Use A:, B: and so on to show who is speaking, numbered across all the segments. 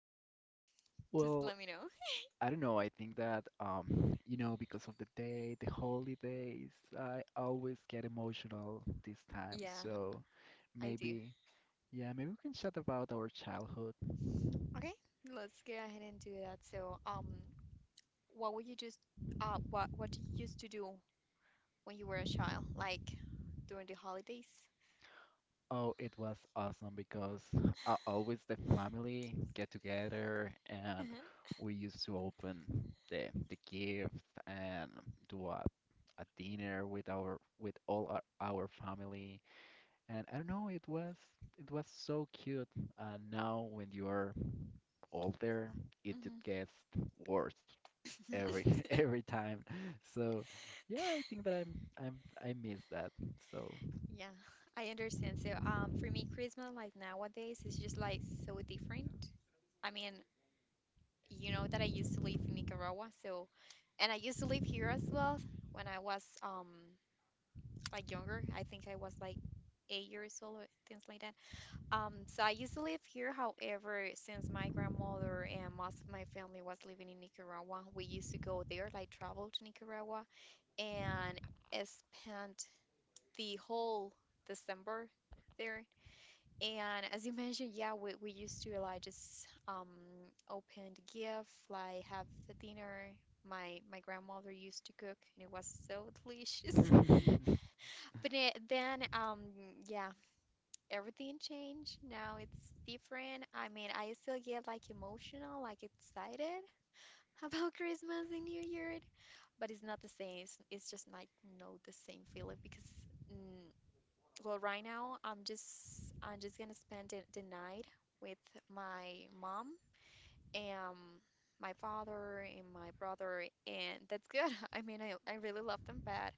A: about? Just
B: Well,
A: let me know.
B: I don't know. I think that you know, because of the day, the holidays, I always get emotional this time.
A: Yeah,
B: So
A: I do.
B: maybe, yeah, maybe we can chat about our childhood.
A: Okay, let's go ahead and do that. What would what do you used to do when you were a child, like during the holidays?
B: Oh, it was awesome because always the family get together and
A: Uh-huh.
B: we used to open the gifts and do a dinner with our with all our family. And I don't know, it was so cute. And now when you are older, it
A: Mhm.
B: just gets worse every every time. So yeah, I think that I'm I miss that. So
A: Yeah, I understand. So, for me, Christmas like nowadays is just like so different. I mean, you know that I used to live in Nicaragua, so and I used to live here as well. When I was like younger. I think I was like 8 years old, or things like that. So I used to live here. However, since my grandmother and most of my family was living in Nicaragua, we used to go there, like travel to Nicaragua, and I spent the whole December there. And as you mentioned, yeah, we used to like just open the gift, like have the dinner. My grandmother used to cook, and it was so delicious. But then, yeah, everything changed. Now it's different. I mean, I still get like emotional, like excited about Christmas and New Year, but it's not the same. It's just like not the same feeling because, mm, well, right now I'm just gonna spend the night with my mom and my father and my brother, and that's good. I mean, I really love them, but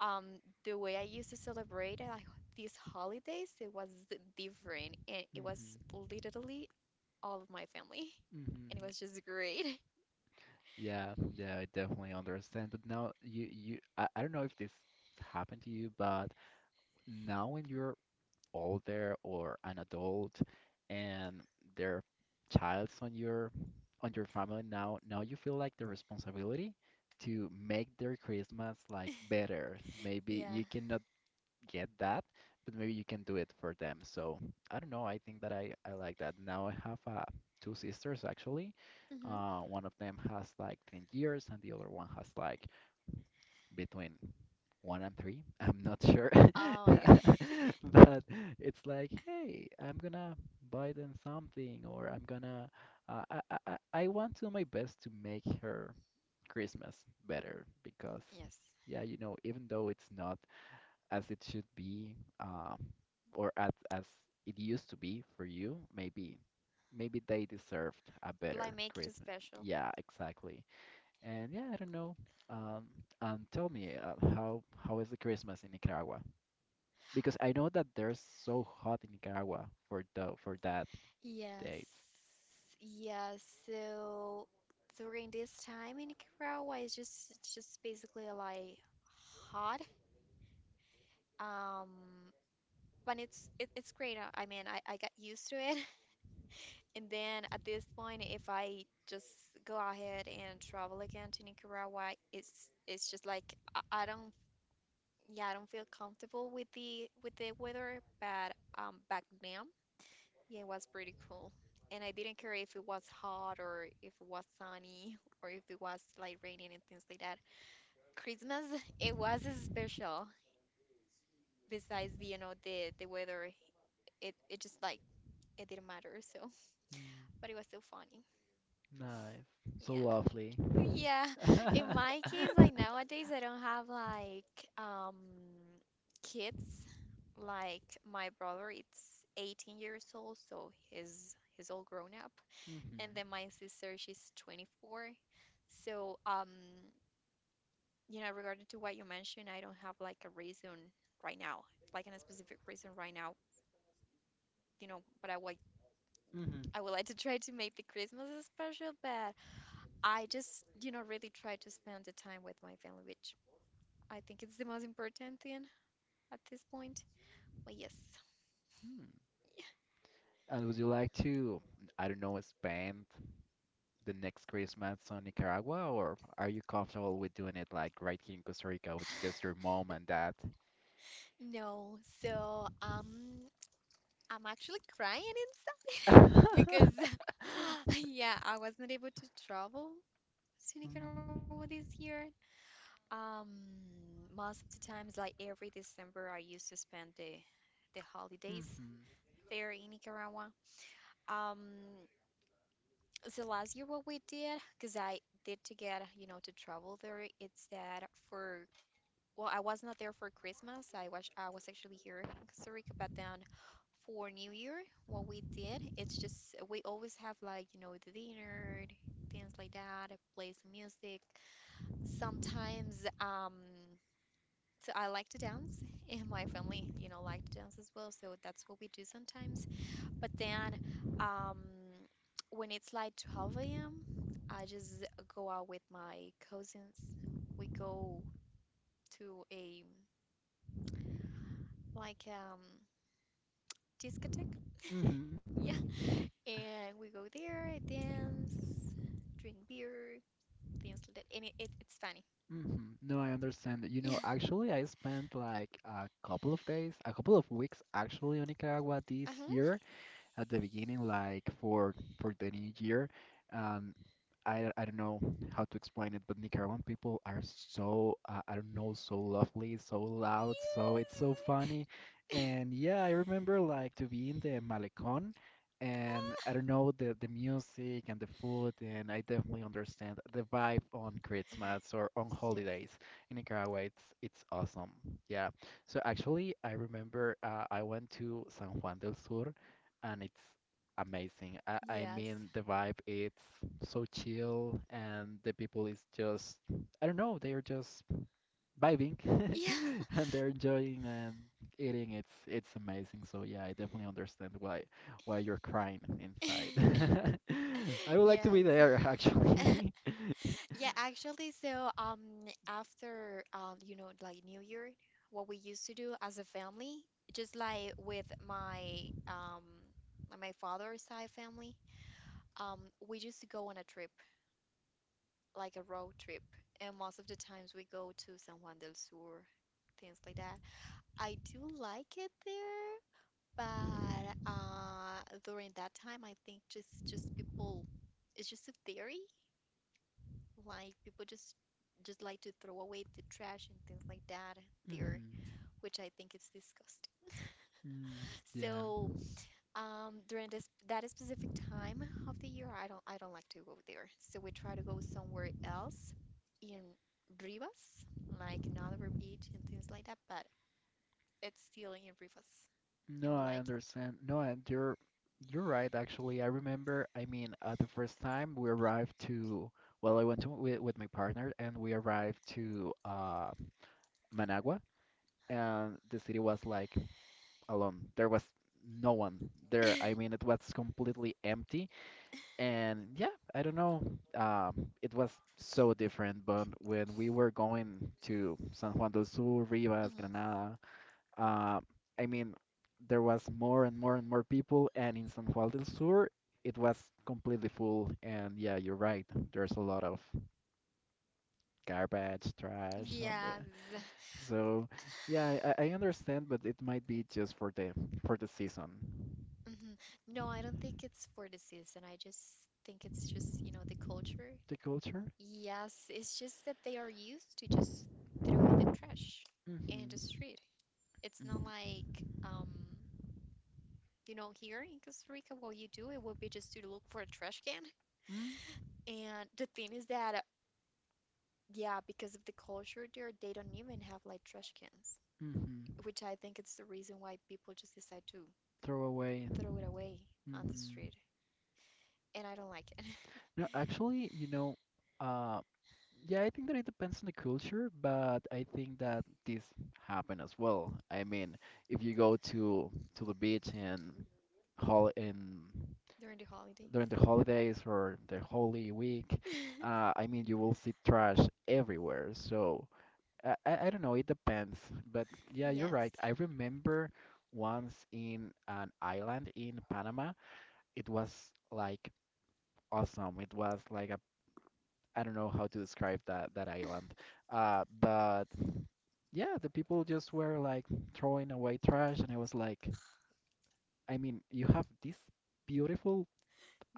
A: um the way I used to celebrate these holidays it was different, and it was
B: Mhm,
A: literally all of my family and it
B: mhm.
A: was just great.
B: Yeah, yeah, I definitely understand. But now you I don't know if this happened to you, but now when you're older or an adult and their child's on your family now you feel like the responsibility to make their Christmas like better. Maybe
A: Yeah.
B: you cannot get that, but maybe you can do it for them. So I don't know. I think that I like that. Now I have two sisters actually.
A: Hmm.
B: One of them has like 10 years and the other one has like between one and three. I'm not sure,
A: Oh my god.
B: but it's like, hey, I'm gonna buy them something, or I'm gonna. I want to do my best to make her Christmas better because,
A: Yes,
B: yeah, you know, even though it's not as it should be, uh, or as it used to be for you, maybe maybe they deserved a
A: like
B: better
A: make it
B: Christmas.
A: special.
B: Yeah, exactly. And yeah, I don't know. Um, and tell me, how is the Christmas in Nicaragua? Because I know that they're so hot in Nicaragua for the for that
A: Yes.
B: date.
A: Yeah, so during this time in Nicaragua, it's just basically like hot, um but it's great. I mean, I got used to it. And then at this point, if I just go ahead and travel again to Nicaragua, it's just like I, I don't yeah, I don't feel comfortable with the weather. But back then, yeah, it was pretty cool. And I didn't care if it was hot or if it was sunny or if it was like raining and things like that. Christmas, it was special. Besides, you know, the weather, it just like it didn't matter, so
B: Mm,
A: but it was still funny.
B: nice, so
A: Yeah.
B: lovely.
A: Yeah, in
B: Hmm,
A: my case, like nowadays, I don't have like um kids. Like my brother, it's 18 years old, so he's all grown up. And then my sister, she's 24. So, you know, regarding to what you mentioned, I don't have like a reason right now, like in a specific reason right now. You know, but I would
B: hmm,
A: I would like to try to make the Christmas special, but I just, you know, really try to spend the time with my family, which I think it's the most important thing at this point. But yes.
B: hmm. And would you like to, I don't know, spend the next Christmas on Nicaragua, or are you comfortable with doing it like right here in Costa Rica with just your mom and dad?
A: No, so I'm actually crying inside because yeah, I was not able to travel to Nicaragua this year. Um most of the times like every December I used to spend the holidays
B: Mm-hmm.
A: there in Nicaragua. Um so last year what we did, because I did to get, you know, to travel there, it's that for. Well, I was not there for Christmas. I was actually here in Costa Rica, but then for New Year, what we did, it's just we always have like, you know, the dinner, things like that, play some music. Sometimes so I like to dance and my family, you know, like to dance as well, so that's what we do sometimes. But then um when it's like 12 a.m., I just go out with my cousins. We go to a like discotheque.
B: Mm-hmm.
A: Yeah. And we go there, dance, drink beer, things like that. And it's funny.
B: Mm-hmm. No, I understand that. You know,
A: Yeah.
B: actually, I spent like a couple of days, a couple of weeks actually on Nicaragua this
A: Uh-huh.
B: year, at the beginning, like for the new year. Um, I don't know how to explain it, but Nicaraguan people are so I don't know, so lovely, so loud, so it's so
A: Yes.
B: funny. And yeah, I remember like to be in the Malecón and
A: Ah.
B: I don't know, the music and the food, and I definitely understand the vibe on Christmas or on
A: Yes.
B: holidays in Nicaragua. It's awesome. Yeah. So actually, I remember I went to San Juan del Sur and it's amazing. I mean, the vibe it's so chill, and the people is just I don't know, they are just vibing,
A: Yes.
B: and they're enjoying and eating. It's amazing. So yeah, I definitely understand why you're crying
A: Yeah.
B: inside. I would like to be
A: Yes.
B: there actually.
A: Yeah, actually, so after you know, like New Year, what we used to do as a family, just like with my like, my father's side family, um we used to go on a trip, like a road trip, and most of the times we go to San Juan del Sur, things like that. I do like it there, but during that time, I think just people, it's just a theory. Like people just like to throw away the trash and things like that
B: Mhm.
A: there, which I think is disgusting.
B: Mm, yeah.
A: So, during this that specific time of the year, I don't like to go there. So we try to go somewhere else in Rivas, like in Oliver Beach and things like that, but it's still in Rivas. And
B: No,
A: we
B: I
A: like.
B: understand. No, and you're right actually. I remember, I mean, the first time we arrived to well, I went to with my partner and we arrived to Managua and the city was like alone. There was no one there. I mean, it was completely empty and yeah, I don't know. It was so different, but when we were going to San Juan del Sur, Rivas,
A: Mhm.
B: Granada, uh, I mean, there was more and more and more people, and in San Juan del Sur, it was completely full. And yeah, you're right. There's a lot of garbage, trash on the.
A: Yeah.
B: So yeah, I understand, but it might be just for the season.
A: Mhm. No, I don't think it's for the season. I just think it's just, you know, the culture.
B: The culture?
A: Yes, it's just that they are used to just throwing the trash in the
B: Mm-hmm.
A: street. It's not like, um, you know, here in Costa Rica, what you do, it would be just to look for a trash can.
B: Mm-hmm.
A: And the thing is that, yeah, because of the culture there, they don't even have like trash cans,
B: Mm-hmm.
A: which I think it's the reason why people just decide to
B: Throw away.
A: throw it away on the
B: Mm-hmm.
A: street. And I don't like it.
B: No, actually, you know, uh, yeah, I think that it depends on the culture, but I think that this happen as well. I mean, if you go to the beach and hol in
A: During the holidays?
B: during the holidays or the Holy Week, I mean, you will see trash everywhere. So I don't know, it depends. But yeah, you're right.
A: Yes.
B: I remember once in an island in Panama, it was like awesome. It was like a I don't know how to describe that island. But yeah, the people just were like throwing away trash, and I was like, I mean, you have this beautiful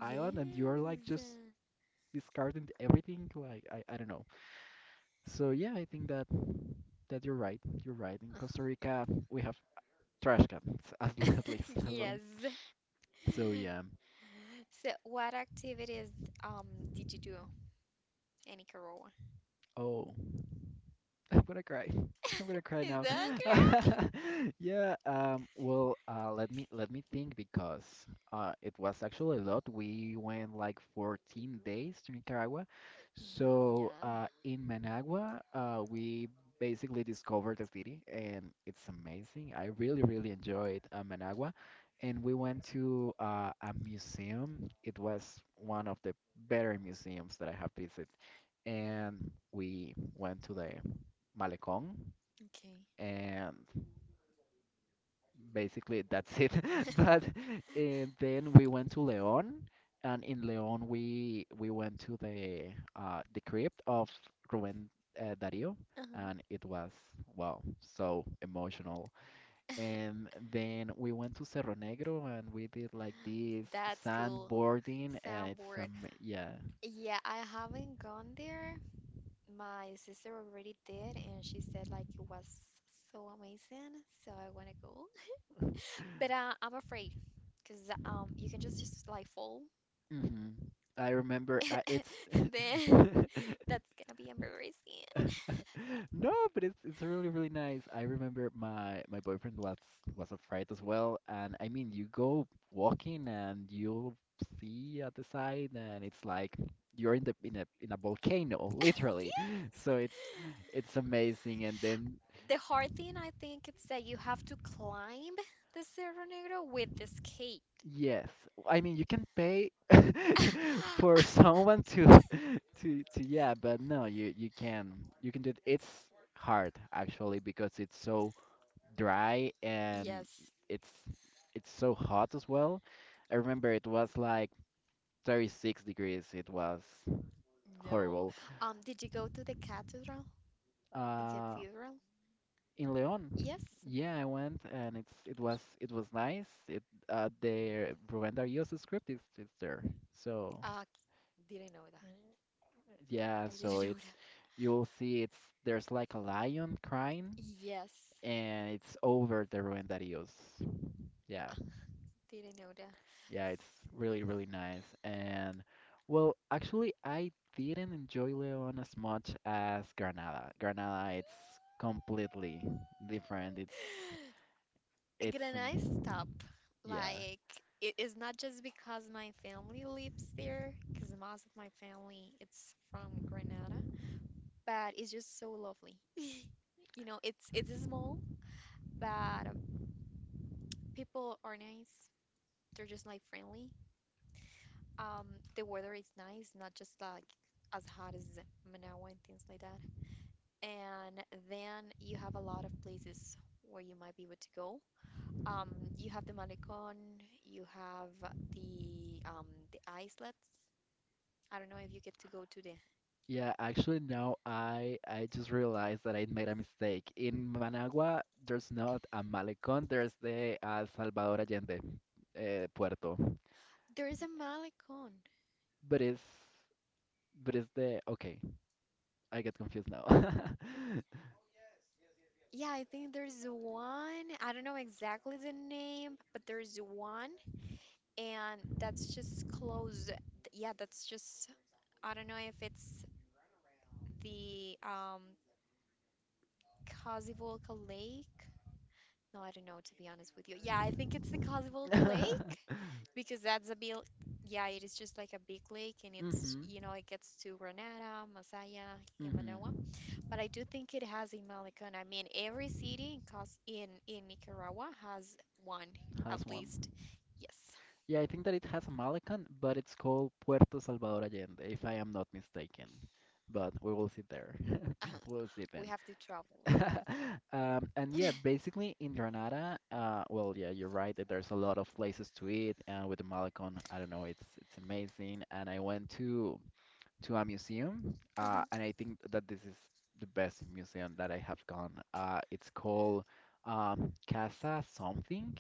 B: island, and you're like just discarding everything. Like, I don't know. So yeah, I think that you're right. You're right. In
A: Uh,
B: Costa Rica, we have trash cans at least. So
A: Yes.
B: so, yeah.
A: So, what activities um did you do in Nicaragua?
B: Oh, I'm gonna cry. I'm gonna cry
A: Is
B: now.
A: that correct?
B: Yeah, well, let me think because it was actually a lot. We went like 14 days to Nicaragua.
A: Mm,
B: So
A: yeah.
B: in Managua, we basically discovered the city, and it's amazing. I really, really enjoyed Managua, and we went to a museum. It was one of the better museums that I have visited, and we went to the Malecón,
A: Okay.
B: and basically that's it. But then we went to León, and in León we went to the crypt of Rubén Darío,
A: Uh-huh.
B: and it was wow, so emotional. And then we went to Cerro Negro, and we did like this
A: That's cool.
B: sandboarding, and it's
A: Soundboard.
B: yeah.
A: Yeah, I haven't gone there. My sister already did, and she said like it was so amazing, so I want to go. But I'm afraid because you can just like fall,
B: Hmm. I remember it's
A: and then that's gonna be embarrassing.
B: No, but it's really really nice. I remember my boyfriend was afraid as well, and I mean you go walking and you'll see at the side, and it's like you're in the in a volcano literally.
A: Yeah.
B: So it's amazing, and then
A: The hard thing I think it's that you have to climb the Cerro Negro with the skate.
B: yes, I mean you can pay for someone to to yeah, but no, you can do it. It's hard actually because it's so dry, and
A: Yes.
B: it's it's so hot as well. I remember it was like 36 degrees. It was
A: No.
B: horrible.
A: Did you go to the cathedral? The
B: Uh,
A: cathedral?
B: in Leon,
A: Yes.
B: yeah, I went and it's it was nice. It their Rubén Use script is it's there. So
A: Uh, didn't know that.
B: yeah,
A: I
B: so
A: didn't know.
B: it's you'll see it's there's like a lion crying
A: Yes.
B: and it's over the Rubén Darío's. Yeah.
A: I didn't know that.
B: Yeah, it's really, really nice. And well, actually, I didn't enjoy León as much as Granada. Granada, it's completely different.
A: Can
B: It's
A: I stop?
B: yeah.
A: Like, it is not just because my family lives there, because most of my family it's from Granada, but it's just so lovely. You know, it's small, but people are nice. They're just like friendly. Um, the weather is nice, not just like as hot as Managua and things like that. And then you have a lot of places where you might be able to go. Um, you have the Malecón, you have the um, the islets. I don't know if you get to go to the.
B: Yeah, actually no, I just realized that I made a mistake. In Managua, there's not a malecón, there's the Salvador Allende puerto.
A: There is a Malecón.
B: But it's the okay, I get confused now.
A: Yeah, I think there's one. I don't know exactly the name, but there's one, and that's just close. Yeah, that's just. I don't know if it's the Cazzivolca Lake. No, I don't know, to be honest with you. Yeah, I think it's the Kazakh Lake because that's a big, yeah, it is just like a big lake and it's,
B: Hmm.
A: you know, it gets to Granada, Masaya, and Manoa.
B: Mm-hmm.
A: But I do think it has a Malecón. I mean, every city in Cos in Nicaragua has one at
B: Has one.
A: least. Yes.
B: Yeah, I think that it has a Malacan, but it's called Puerto Salvador Allende, if I am not mistaken. But we will see there.
A: Uh-huh.
B: We'll see
A: We
B: then.
A: have to travel.
B: And yeah, basically in Granada, well, yeah, you're right that there's a lot of places to eat, and with the Malacan, I don't know, it's amazing. And I went to a museum, and
A: Uh-huh.
B: I think that this is the best museum that I have gone. It's called Casa something,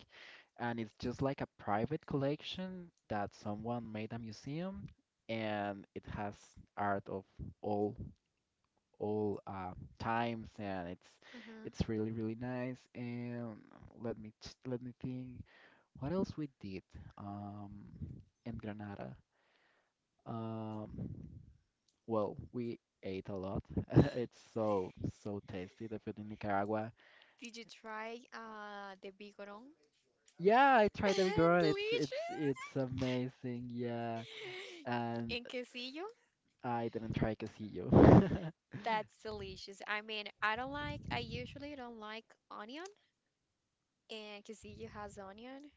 B: and it's just like a private collection that someone made a museum and it has art of all all times and
A: Uh-huh.
B: it's really really nice and let me think what else we did um in Granada um well we ate a lot. It's so so tasty, the food in Nicaragua.
A: Did you try the Bigoron?
B: Yeah, I tried the big one,
A: Delicious.
B: it's amazing, yeah. And
A: In Quesillo?
B: I didn't try Quesillo.
A: That's delicious. I mean, I don't like, I usually don't like onion, and quesillo has onion,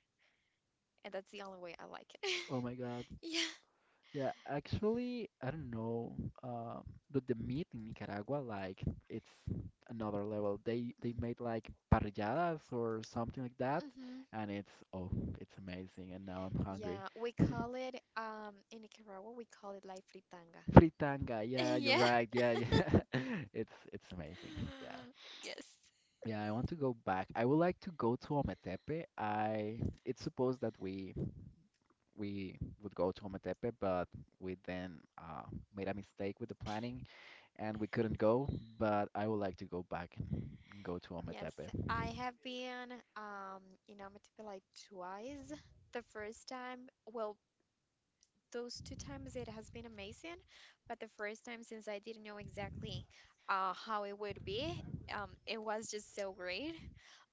A: and that's the only way I like it.
B: Oh my God.
A: Yeah.
B: Yeah, actually, I don't know. Um, but the meat in Nicaragua, like, it's another level. They
A: Mhm.
B: made like parrilladas or something like that,
A: Mm-hmm.
B: and it's oh, it's amazing. And now I'm hungry.
A: Yeah, we call it in Nicaragua we call it like fritanga.
B: Fritanga, yeah, you're
A: Yeah.
B: right. Yeah, yeah. It's amazing. Yeah.
A: Yes.
B: Yeah, I want to go back. I would like to go to Ometepe. I it's supposed that we would go to Ometepe, but we then made a mistake with the planning and we couldn't go. But I would like to go back and go to
A: Yes.
B: Ometepe.
A: I have been um in Amatepec like twice. The first time, well, those two times it has been amazing, but the first time, since I didn't know exactly how it would be, it was just so great.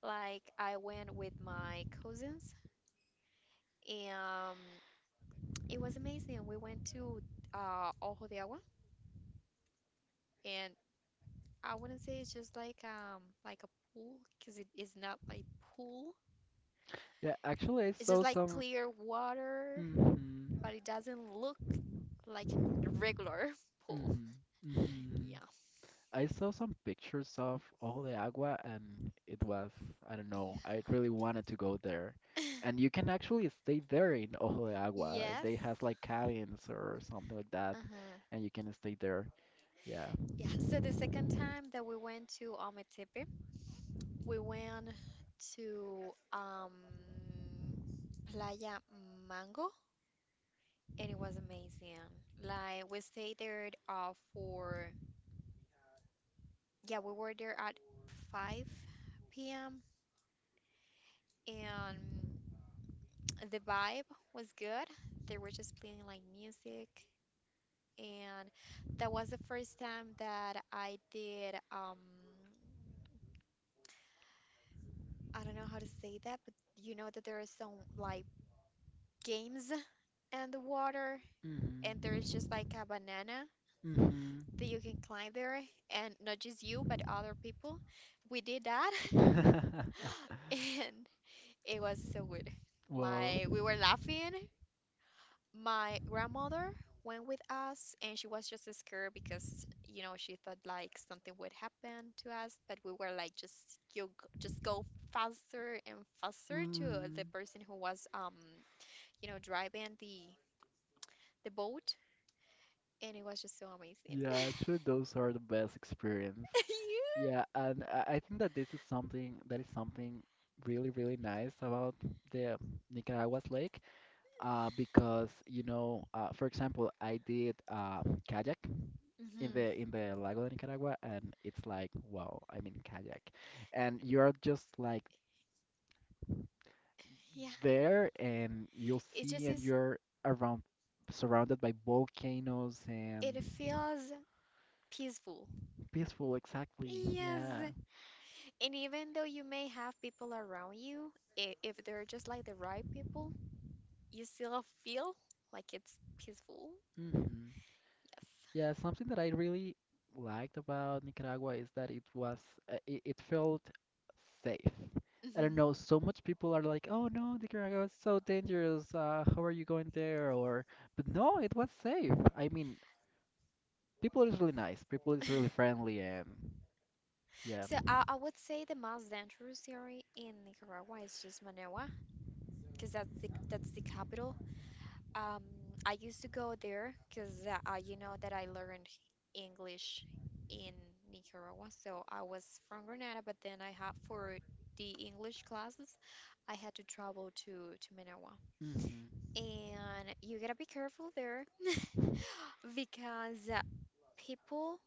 A: Like I went with my cousins, and it was amazing. We went to Ojo de Agua, and I wouldn't say it's just like a pool because it is not like pool.
B: Yeah, actually, I
A: It's just
B: saw
A: like
B: some.
A: clear water,
B: Hmm,
A: but it doesn't look like a regular
B: hmm,
A: pool.
B: hmm.
A: Yeah,
B: I saw some pictures of Ojo de Agua, and it was, I don't know, I really wanted to go there.
A: yeah.
B: And you can actually stay there in Ojo de Agua.
A: Yes.
B: They has like cabins or something like that,
A: Uh-huh.
B: and you can stay there. Yeah.
A: Yeah. So the second time that we went to Ometepe, we went to Playa Mango, and it was amazing. Like we stayed there we were there at 5 p.m., and the vibe was good. They were just playing like music, and that was the first time that I did I don't know how to say that, but you know that there are some like games in the water, and there
B: Hmm,
A: is just like a banana
B: hmm.
A: that you can climb there, and not just you, but other people. We did that, and it was so good.
B: Well,
A: Like, we were laughing. My grandmother went with us, and she was just scared because, you know, she thought like something would happen to us, but we were like, just just go faster and faster to the
B: mm,
A: person who was dry band the boat, and it was just so amazing.
B: yeah, actually, those are the best experience. Yeah, and I think that this is something that is something really, really nice about the Nicaragua's lake, because you know, for example, I did kayak
A: Yeah.
B: in
A: Hmm.
B: the Lago de Nicaragua, and it's like, wow, I mean kayak, and you're just like
A: Yeah.
B: there, and you'll
A: It
B: see,
A: just
B: and
A: is.
B: you're around surrounded by volcanoes
A: It
B: and
A: feels peaceful.
B: peaceful, exactly. Yeah.
A: Yes. And even though you may have people around you, if they're just like the right people, you still feel like it's peaceful.
B: Hmm. Yeah, something that I really liked about Nicaragua is that it was it felt safe.
A: Yes.
B: I
A: Hmm.
B: don't know, so much people are like, "Oh no, Nicaragua is so dangerous. How are you going there?" Or, but no, it was safe. I mean, people is really nice. People is really friendly and yeah.
A: So I would say the most dangerous area in Nicaragua is just Managua, because that's the capital. Um, I used to go there because you know that I learned English in Nicaragua. So I was from Granada, but then I had for the English classes, I had to travel to Managua,
B: Hmm.
A: and you gotta be careful there because people.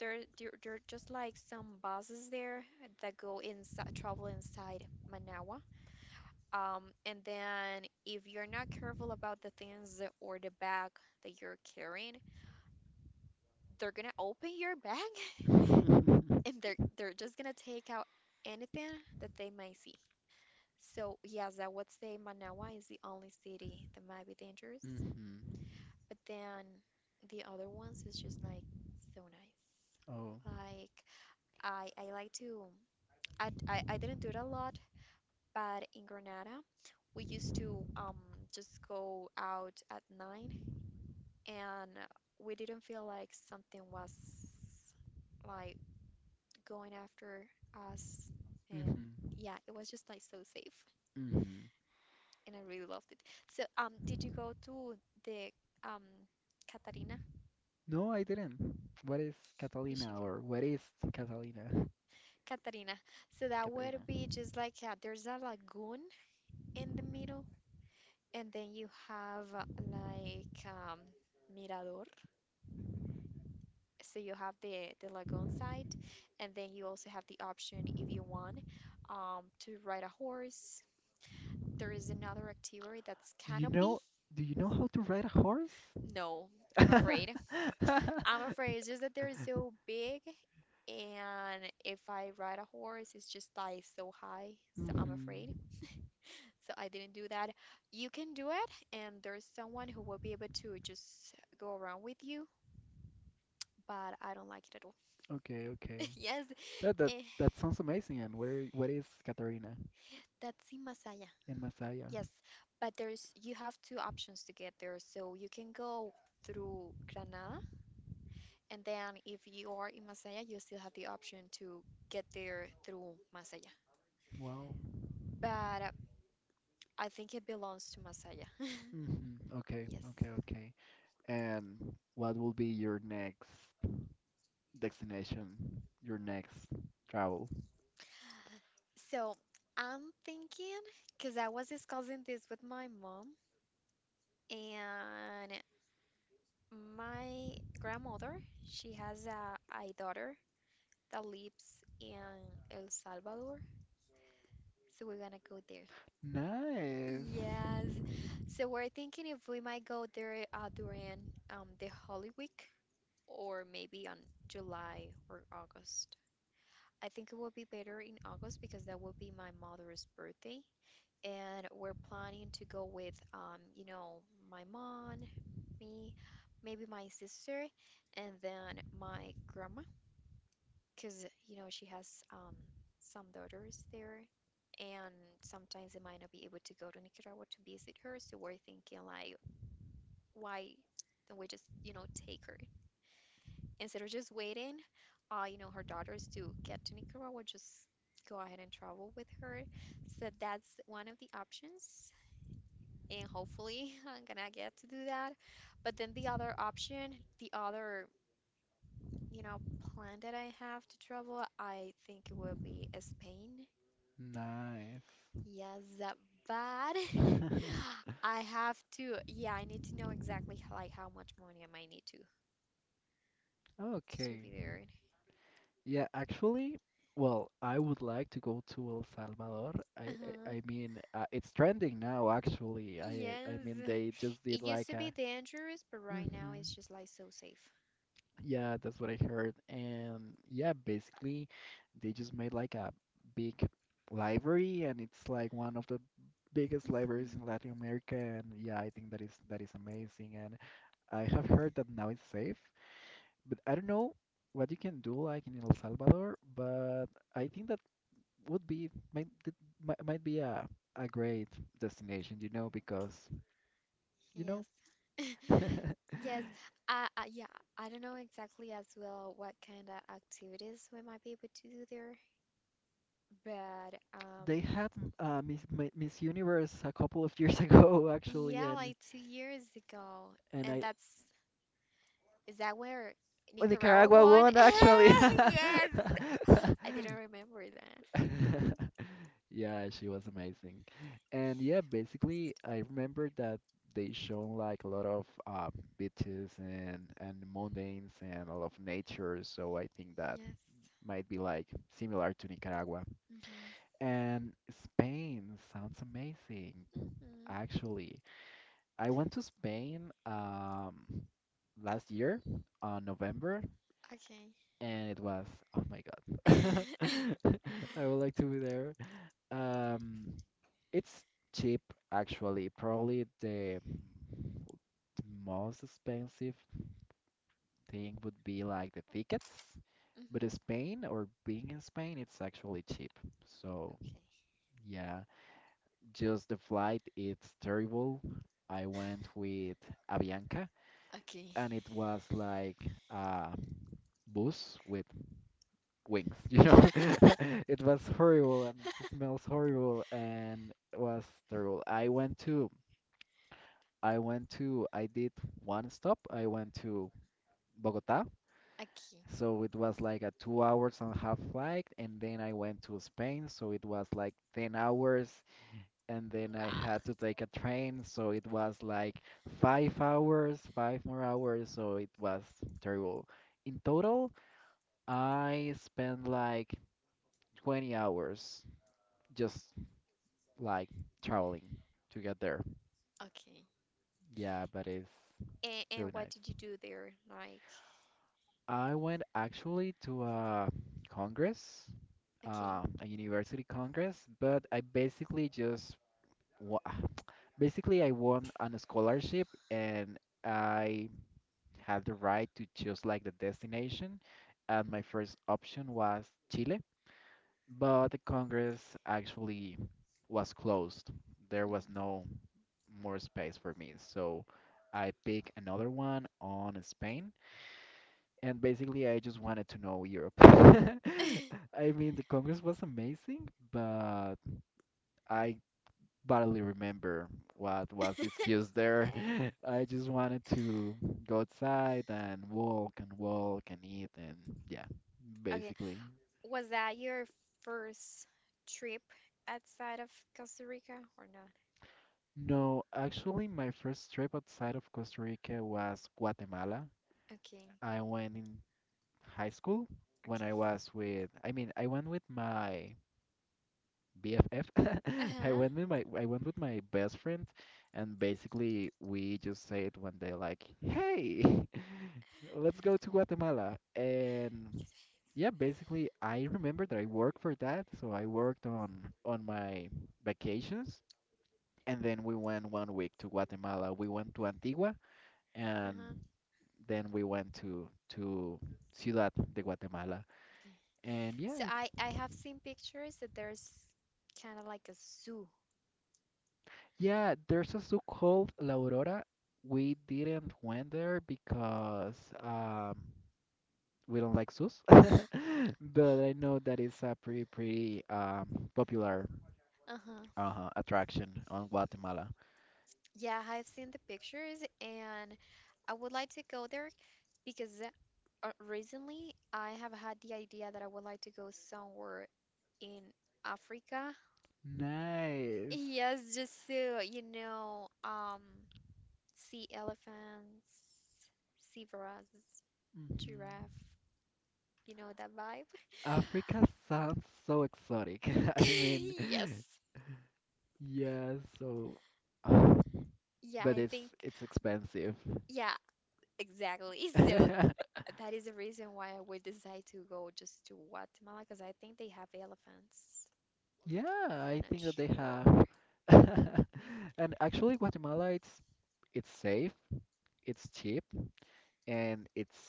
A: There are just like some buses there that go inside, travel inside Manawa. And then if you're not careful about or the bag that you're carrying, they're gonna open your bag
B: Hmm.
A: and they're just gonna take out anything that they might see. So yes, I would say Manawa is the only city that might be dangerous. But then the other ones is just like so nice.
B: Oh.
A: Like, I like to I d- I didn't do it a lot. But in Granada, we used to just go out at 9, and we didn't feel like something was like going after us. And
B: Hmm.
A: yeah, it was just like so safe,
B: Hmm.
A: and I really loved it. So, did you go to the um Catarina?
B: No, I didn't. What is
A: You should
B: Catalina
A: go.
B: or what is Catalina?
A: Catarina. So that
B: Catalina.
A: would be just like yeah, there's a lagoon in the middle, and then you have like mirador. So you have the lagoon side, and then you also have the option if you want to ride a horse. There is another activity that's
B: Do you
A: canopy.
B: know do you know how to ride a horse?
A: No, I'm afraid. I'm afraid it's just that they're so big, and if I ride a horse, it's just like so high. So
B: Mhm.
A: I'm afraid. So I didn't do that. You can do it, and there's someone who will be able to just go around with you, but I don't like it at all.
B: Okay, okay.
A: Yes,
B: That
A: eh,
B: that sounds amazing. And where what is Katarina
A: that's in Masaya.
B: in Masaya?
A: Yes, but there's you have two options to get there. So you can go through Granada, and then if you are in Masaya, you still have the option to get there through Masaya.
B: Wow.
A: But I think it belongs to Masaya.
B: Hmm. Okay,
A: Yes.
B: okay, okay. And what will be your next destination? Your next travel?
A: So I'm thinking, because I was discussing this with my mom and my grandmother, she has a daughter that lives in El Salvador. So we're gonna go there.
B: Nice.
A: Yes. So we're thinking if we might go there during the Holy Week or maybe on July or August. I think it would be better in August because that would be my mother's birthday. And we're planning to go with, my mom, me, maybe my sister, and then my grandma, because, she has some daughters there. And sometimes they might not be able to go to Nicaragua to visit her. So we're thinking, like, why don't we just, take her instead of just waiting, her daughters to get to Nicaragua, just go ahead and travel with her. So that's one of the options, and hopefully I'm gonna get to do that. But then the other option, the other, you know, plan that I have to travel, I think it will be Spain.
B: Nice.
A: Yes, that bad. Yeah, I need to know exactly like how much money I might need to
B: Okay.
A: be there.
B: Yeah, actually, well, I would like to go to El Salvador. I I,
A: Uh-huh.
B: I mean, it's trending now, actually. I
A: Yes,
B: mean, they just
A: it
B: did
A: used
B: like
A: to be
B: a
A: dangerous, but right now
B: hmm.
A: it's just like so safe.
B: Yeah, that's what I heard. And yeah, basically, they just made like a big library, and it's like one of the biggest libraries in
A: Hmm.
B: Latin America. And yeah, I think that is amazing. And I have heard that now it's safe. But I don't know what you can do like in El Salvador, but I think that would be might be a great destination, because you know
A: Yes. Yes. Yeah, I don't know exactly as well what kind of activities we might be able to do there, but
B: they had Miss Miss Universe a couple of years ago actually,
A: yeah,
B: and
A: like 2 years ago,
B: and
A: and
B: I
A: that's is that where
B: well,
A: Nicaragua
B: Nicaragua
A: won.
B: won actually.
A: Yes. I didn't remember that.
B: Yeah, she was amazing. And yeah, basically, I remember that they shown like a lot of beaches and mountains and a lot of nature, so I think that
A: Yes.
B: might be like similar to Nicaragua.
A: Mhm.
B: And Spain sounds amazing,
A: Mhm.
B: actually. I went to Spain last year on November,
A: Okay.
B: and it was, oh my God. I would like to be there. Um, it's cheap actually. Probably the most expensive thing would be like the tickets, but
A: Mhm.
B: Spain or being in Spain, it's actually cheap. So
A: Okay.
B: yeah, just the flight, it's terrible. I went with Avianca,
A: Okay.
B: and it was like a bus with wings. It was horrible, and it smells horrible, and it was terrible. I went to, I did one stop. I went to Bogota.
A: Okay.
B: So it was like a 2 hours and a half flight. And then I went to Spain. So it was like 10 hours. And then I had to take a train. So it was
A: Wow.
B: like 5 hours, five more hours. So it was terrible. In total, I spent like 20 hours just like traveling to get there.
A: Okay.
B: Yeah, but it's
A: And,
B: really
A: and what did
B: nice.
A: you do there? Like,
B: I went actually to a congress,
A: okay.
B: a university congress, but I basically just wa basically I won on a scholarship and I had the right to choose like the destination, and my first option was Chile, but the congress actually was closed. There was no more space for me, so I picked another one on Spain and basically I just wanted to know Europe.
A: Mhm.
B: I mean, the Congress was amazing, but I barely remember what was the excuse there. I just wanted to go outside and walk and walk and eat and yeah,
A: Okay.
B: basically.
A: Was that your first trip outside of Costa Rica or not?
B: No, actually, my first trip outside of Costa Rica was Guatemala.
A: Okay.
B: I went in high school when
A: Okay.
B: I was with, I mean, I went with my BFF. I
A: Uh-huh.
B: went with my I went with my best friend, and basically we just said one day like, "Hey, let's go to Guatemala." And yeah, basically I remember that I worked for that, so I worked on my vacations, and then we went 1 week to Guatemala. We went to Antigua, and
A: Uh-huh.
B: then we went to Ciudad de Guatemala.
A: Okay.
B: And
A: So
B: yeah,
A: I have seen pictures that there's kind of like a zoo.
B: yeah, there's a zoo called La Aurora. We didn't went there because um, we don't like zoos, but I know that it's a pretty popular
A: Uh-huh.
B: attraction on Guatemala.
A: Yeah, I've seen the pictures and I would like to go there because recently I have had the idea that I would like to go somewhere in Africa.
B: Nice.
A: Yes, just to, see elephants, see zebras.
B: Mhm.
A: Giraffe. You know that vibe?
B: Africa sounds so exotic. I mean,
A: Yes.
B: yeah, so, uh,
A: Yeah,
B: but
A: I think,
B: it's expensive.
A: yeah, exactly. So that is the reason why I would decide to go just to Guatemala because I think they have elephants.
B: Yeah,
A: I'm
B: I
A: not
B: think that they
A: sure.
B: have. And actually, Guatemala, it's safe, it's cheap, and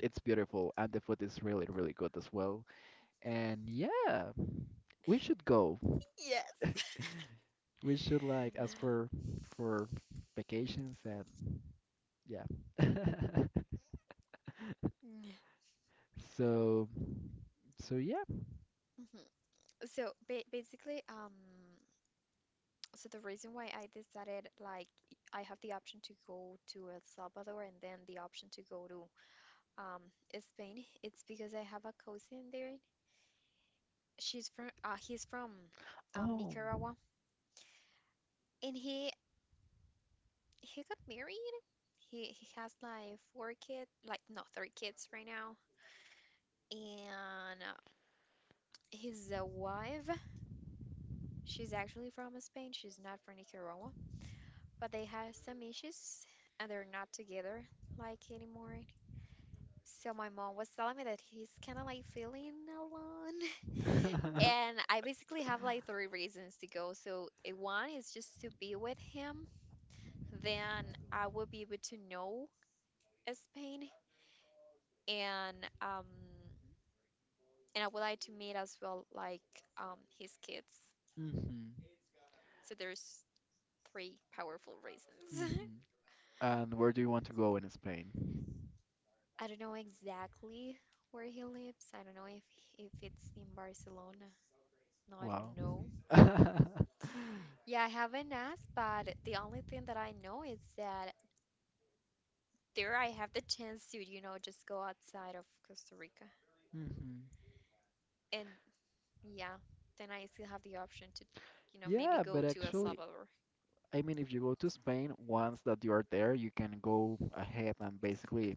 B: it's beautiful, and the food is really, really good as well. And yeah, we should go.
A: Yes.
B: We should like ask for for vacations and yeah.
A: Yeah.
B: So yeah.
A: Mhm. So ba basically, so the reason why I decided like I have the option to go to El Salvador and then the option to go to um Spain. It's because I have a cousin there. She's from he's from
B: Oh.
A: Nicaragua and he got married. He has like four kids, like no, three kids right now. And his wife, she's actually from Spain. She's not from Nicaragua, but they have some issues and they're not together like anymore. So my mom was telling me that he's kind of like feeling alone. And I basically have like three reasons to go. So, one is just to be with him, then I will be able to know Spain, and and I would like to meet as well like his kids.
B: Hmm.
A: So there's three powerful reasons.
B: Hmm. And where do you want to go in Spain?
A: I don't know exactly where he lives. I don't know if it's in Barcelona. No, I
B: Wow.
A: don't know. Yeah, I haven't asked, but the only thing that I know is that there I have the chance to, just go outside of Costa Rica.
B: Hmm.
A: And yeah, then I still have the option to, maybe
B: Yeah,
A: go
B: but
A: to El
B: actually,
A: Salvador.
B: I mean, if you go to Spain, once that you are there, you can go ahead and basically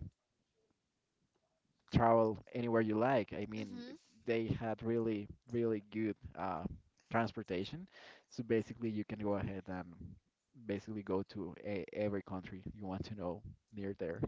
B: travel anywhere you like. I mean, they had really, really good transportation. So basically, you can go ahead and basically go to a every country you want to know near there.